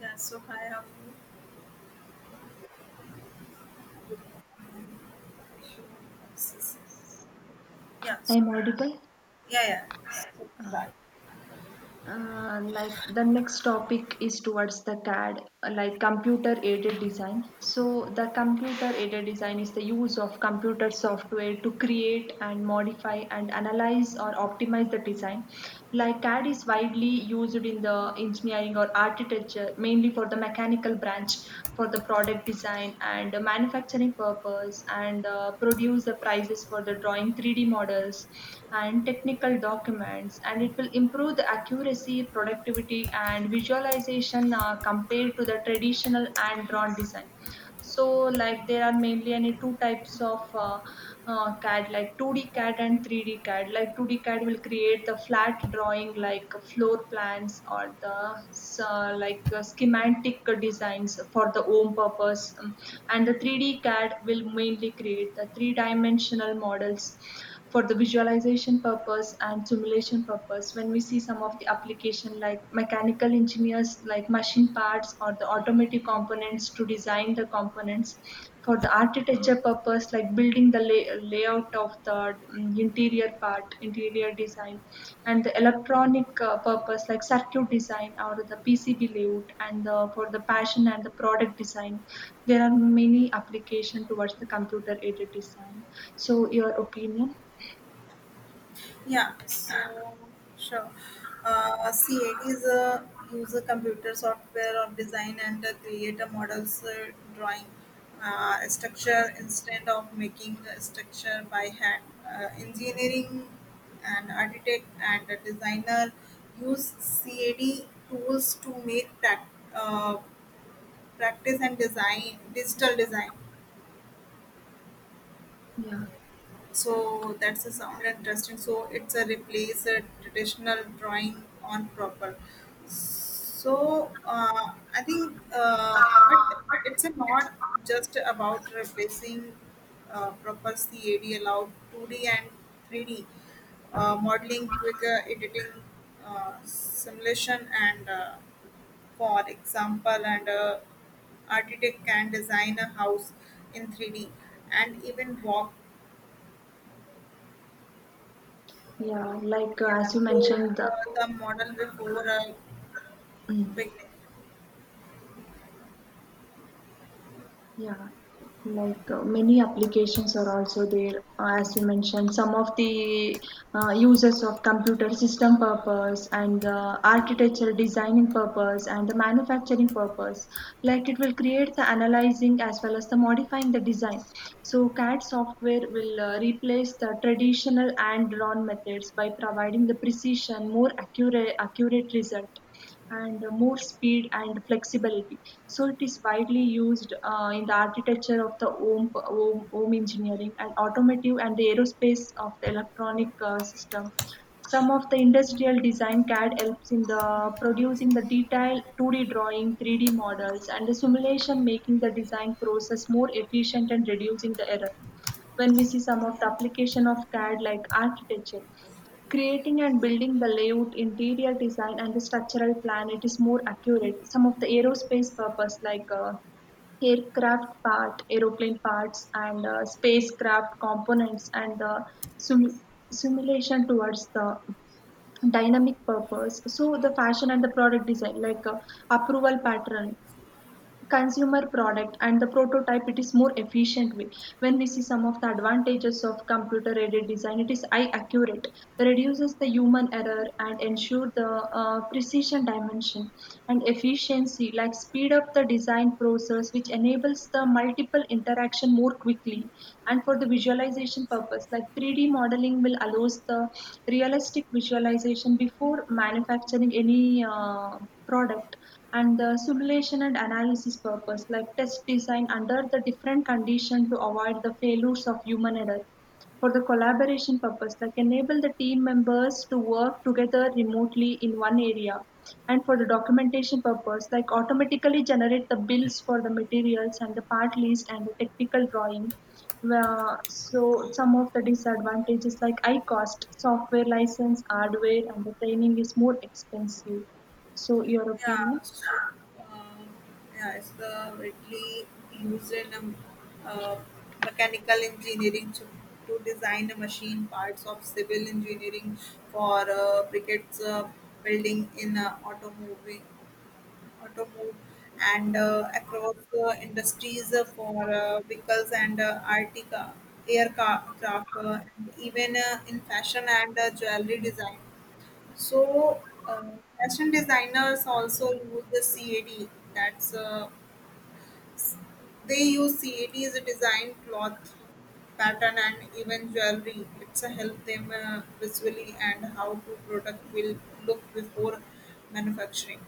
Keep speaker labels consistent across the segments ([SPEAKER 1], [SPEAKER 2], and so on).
[SPEAKER 1] Yeah, so hi, how are you? Yeah, so,
[SPEAKER 2] I'm audible.
[SPEAKER 1] yeah, yeah. So, Right.
[SPEAKER 2] Like the next topic is towards the CAD, like computer aided design. So, the computer aided design is the use of computer software to create and modify and analyze or optimize the design. Like CAD is widely used in the engineering or architecture, mainly for the mechanical branch for the product design and the manufacturing purpose, and produce the prices for the drawing 3D models and technical documents, and it will improve the accuracy, productivity and visualization compared to the traditional hand drawn design. So, like, there are mainly any two types of CAD, like 2D CAD and 3D CAD. Like, 2D CAD will create the flat drawing, like floor plans or the like schematic designs for the home purpose. And the 3D CAD will mainly create the three-dimensional models for the visualization purpose and simulation purpose. When we see some of the application, like mechanical engineers, like machine parts or the automatic components to design the components for the architecture purpose, like building the layout of the interior part, interior design, and the electronic purpose, like circuit design or the pcb layout, and the, for the passion and the product design, there are many application towards the computer aided design. So your opinion?
[SPEAKER 1] yeah, so sure. CAD is a user computer software of design and create a models drawing structure instead of making a structure by hand. Engineering and architect and a designer use CAD tools to make uh, practice and design digital design.
[SPEAKER 2] Yeah,
[SPEAKER 1] So that's a sound interesting. So it's a replace a traditional drawing on proper. So I think, but it's a not just about replacing proper. CAD allowed 2D and 3D modeling, quicker editing, simulation, and for example, and architect can design a house in 3D and even walk,
[SPEAKER 2] yeah, like
[SPEAKER 1] yeah,
[SPEAKER 2] as you
[SPEAKER 1] through
[SPEAKER 2] mentioned,
[SPEAKER 1] the model before
[SPEAKER 2] mm,
[SPEAKER 1] beginning.
[SPEAKER 2] yeah, like many applications are also there. As you mentioned, some of the uses of computer system purpose, and the architectural designing purpose, and the manufacturing purpose, like it will create the analyzing as well as the modifying the design. So CAD software will replace the traditional and drawn methods by providing the precision, more accurate result and more speed and flexibility. So it is widely used in the architecture of the home, home engineering, and automotive, and the aerospace of the electronic system. Some of the industrial design, CAD helps in the producing the detailed 2D drawing, 3D models, and the simulation, making the design process more efficient and reducing the error. When we see some of the application of CAD, like architecture. Creating and building the layout, interior design, and the structural plan, it is more accurate. Some of the aerospace purpose, like aircraft part, aeroplane parts, and spacecraft components, and the sim- simulation towards the dynamic purpose. So the fashion and the product design, like approval pattern, consumer product, and the prototype, it is more efficient way. When we see some of the advantages of computer aided design, it is eye accurate, reduces the human error and ensure the precision dimension and efficiency, like speed up the design process, which enables the multiple interaction more quickly, and for the visualization purpose, like 3D modeling will allows the realistic visualization before manufacturing any product, and the simulation and analysis purpose, like test design under the different condition to avoid the failures of human error, for the collaboration purpose, like enable the team members to work together remotely in one area, and for the documentation purpose, like automatically generate the bills for the materials and the part list and the technical drawing. Well, so some of the disadvantages, like high cost software license, hardware, and the training is more expensive. So, your opinion?
[SPEAKER 1] Yeah, so yeah, it's the widely used in uh, mechanical engineering to design the machine parts of civil engineering for briquettes, building, in automobile, and across the industries for vehicles and RT car, aircraft, and even in fashion and jewelry design. So, uh, fashion designers also use the CAD. That's they use CAD as a design cloth pattern and even jewelry. It's a help them visually and how to product will look before manufacturing.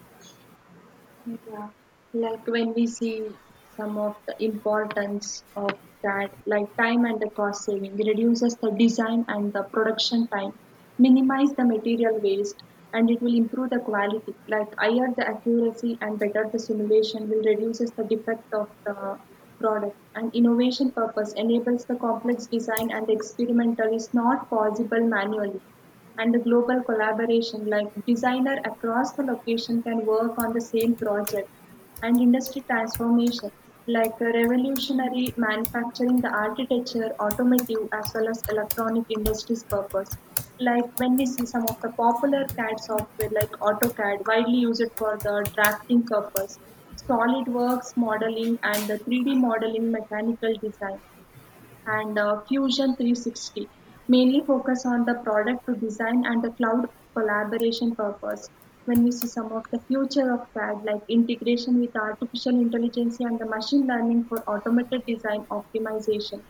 [SPEAKER 2] Yeah, like when we see some of the importance of that, like time and the cost saving, reduces the design and the production time, minimize the material waste, and it will improve the quality. Like higher the accuracy and better the simulation will reduces the defect of the product. And innovation purpose enables the complex design and experimental is not possible manually, and the global collaboration, like designer across the location can work on the same project, and industry transformation, like revolutionary manufacturing the architecture, automotive as well as electronic industries purpose, like when we see some of the popular cad software, like autocad, widely used for the drafting purpose, solidworks modeling and the 3D modeling mechanical design, and Fusion 360 mainly focus on the product to design and the cloud collaboration purpose. When we see some of the future of CAD, like integration with artificial intelligence and the machine learning for automated design optimization.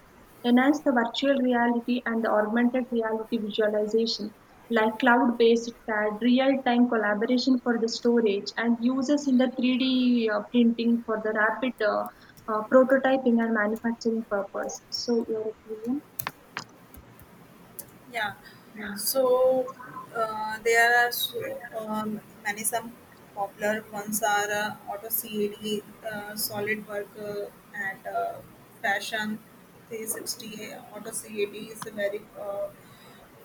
[SPEAKER 2] Enhance the virtual reality and the augmented reality visualization, like cloud-based CAD, real-time collaboration for the storage, and uses in the 3D printing for the rapid prototyping and manufacturing purpose. So, your opinion?
[SPEAKER 1] Yeah.
[SPEAKER 2] Yeah.
[SPEAKER 1] So there are so, many some popular ones are auto CAD, solid work, and fashion 360. Auto CAD is a very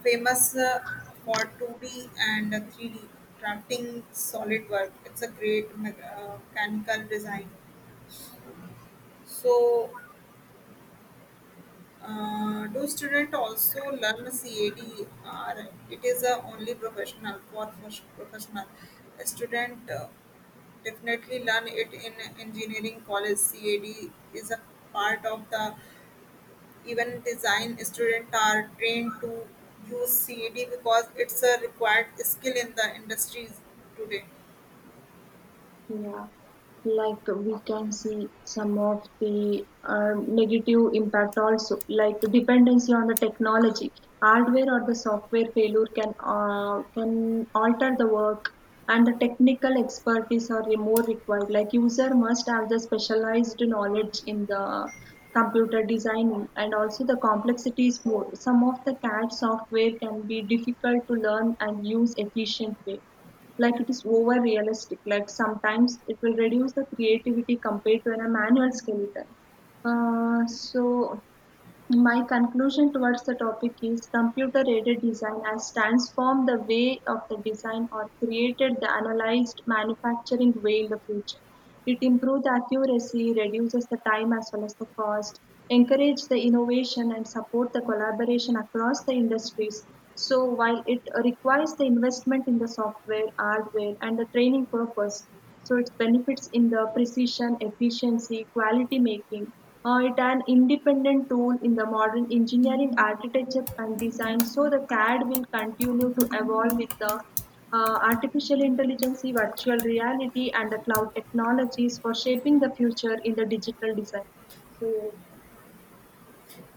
[SPEAKER 1] famous for 2D and 3D drafting solid work. It's a great mechanical design. So do students also learn CAD? It is a only professional for first professional. A student definitely learn it in engineering college. CAD is a part of the event design. Students are trained to use CAD because it's a required skill in the industries today.
[SPEAKER 2] Yeah, like we can see some of the negative impact also, like dependency on the technology, hardware or the software failure can alter the work, and the technical expertise are more required. Like user must have the specialized knowledge in the computer designing, and also the complexity is more. Some of the CAD software can be difficult to learn and use efficient way, like it is over realistic, like sometimes it will reduce the creativity compared to a manual skeleton. So my conclusion towards the topic is, computer-aided design has transformed the way of the design or created the analyzed manufacturing way in the future. It improves the accuracy, reduces the time as well as the cost, encourages the innovation and support the collaboration across the industries. So while it requires the investment in the software, hardware and the training purpose, so its benefits in the precision, efficiency, quality making. It an independent tool in the modern engineering, architecture, and design. So the CAD will continue to evolve with the artificial intelligence, virtual reality, and the cloud technologies for shaping the future in the digital design.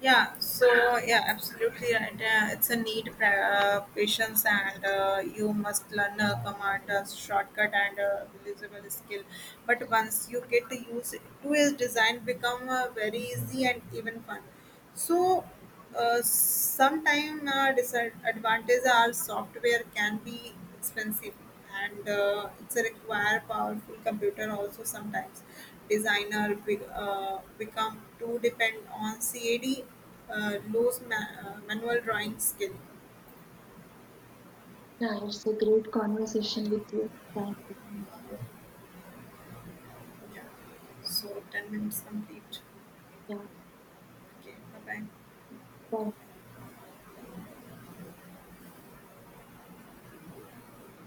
[SPEAKER 1] Yeah, so, yeah, absolutely right. It's a need patience, and you must learn a command a shortcut and a usable skill. But once you get to use it, to its design become very easy and even fun. So sometime disadvantages are software can be expensive and it's a require powerful computer also. Sometimes designer become too depend on CAD, lose manual drawing skill.
[SPEAKER 2] Yeah, it's a great conversation with
[SPEAKER 1] Yeah. So 10 minutes complete. Okay. Bye bye.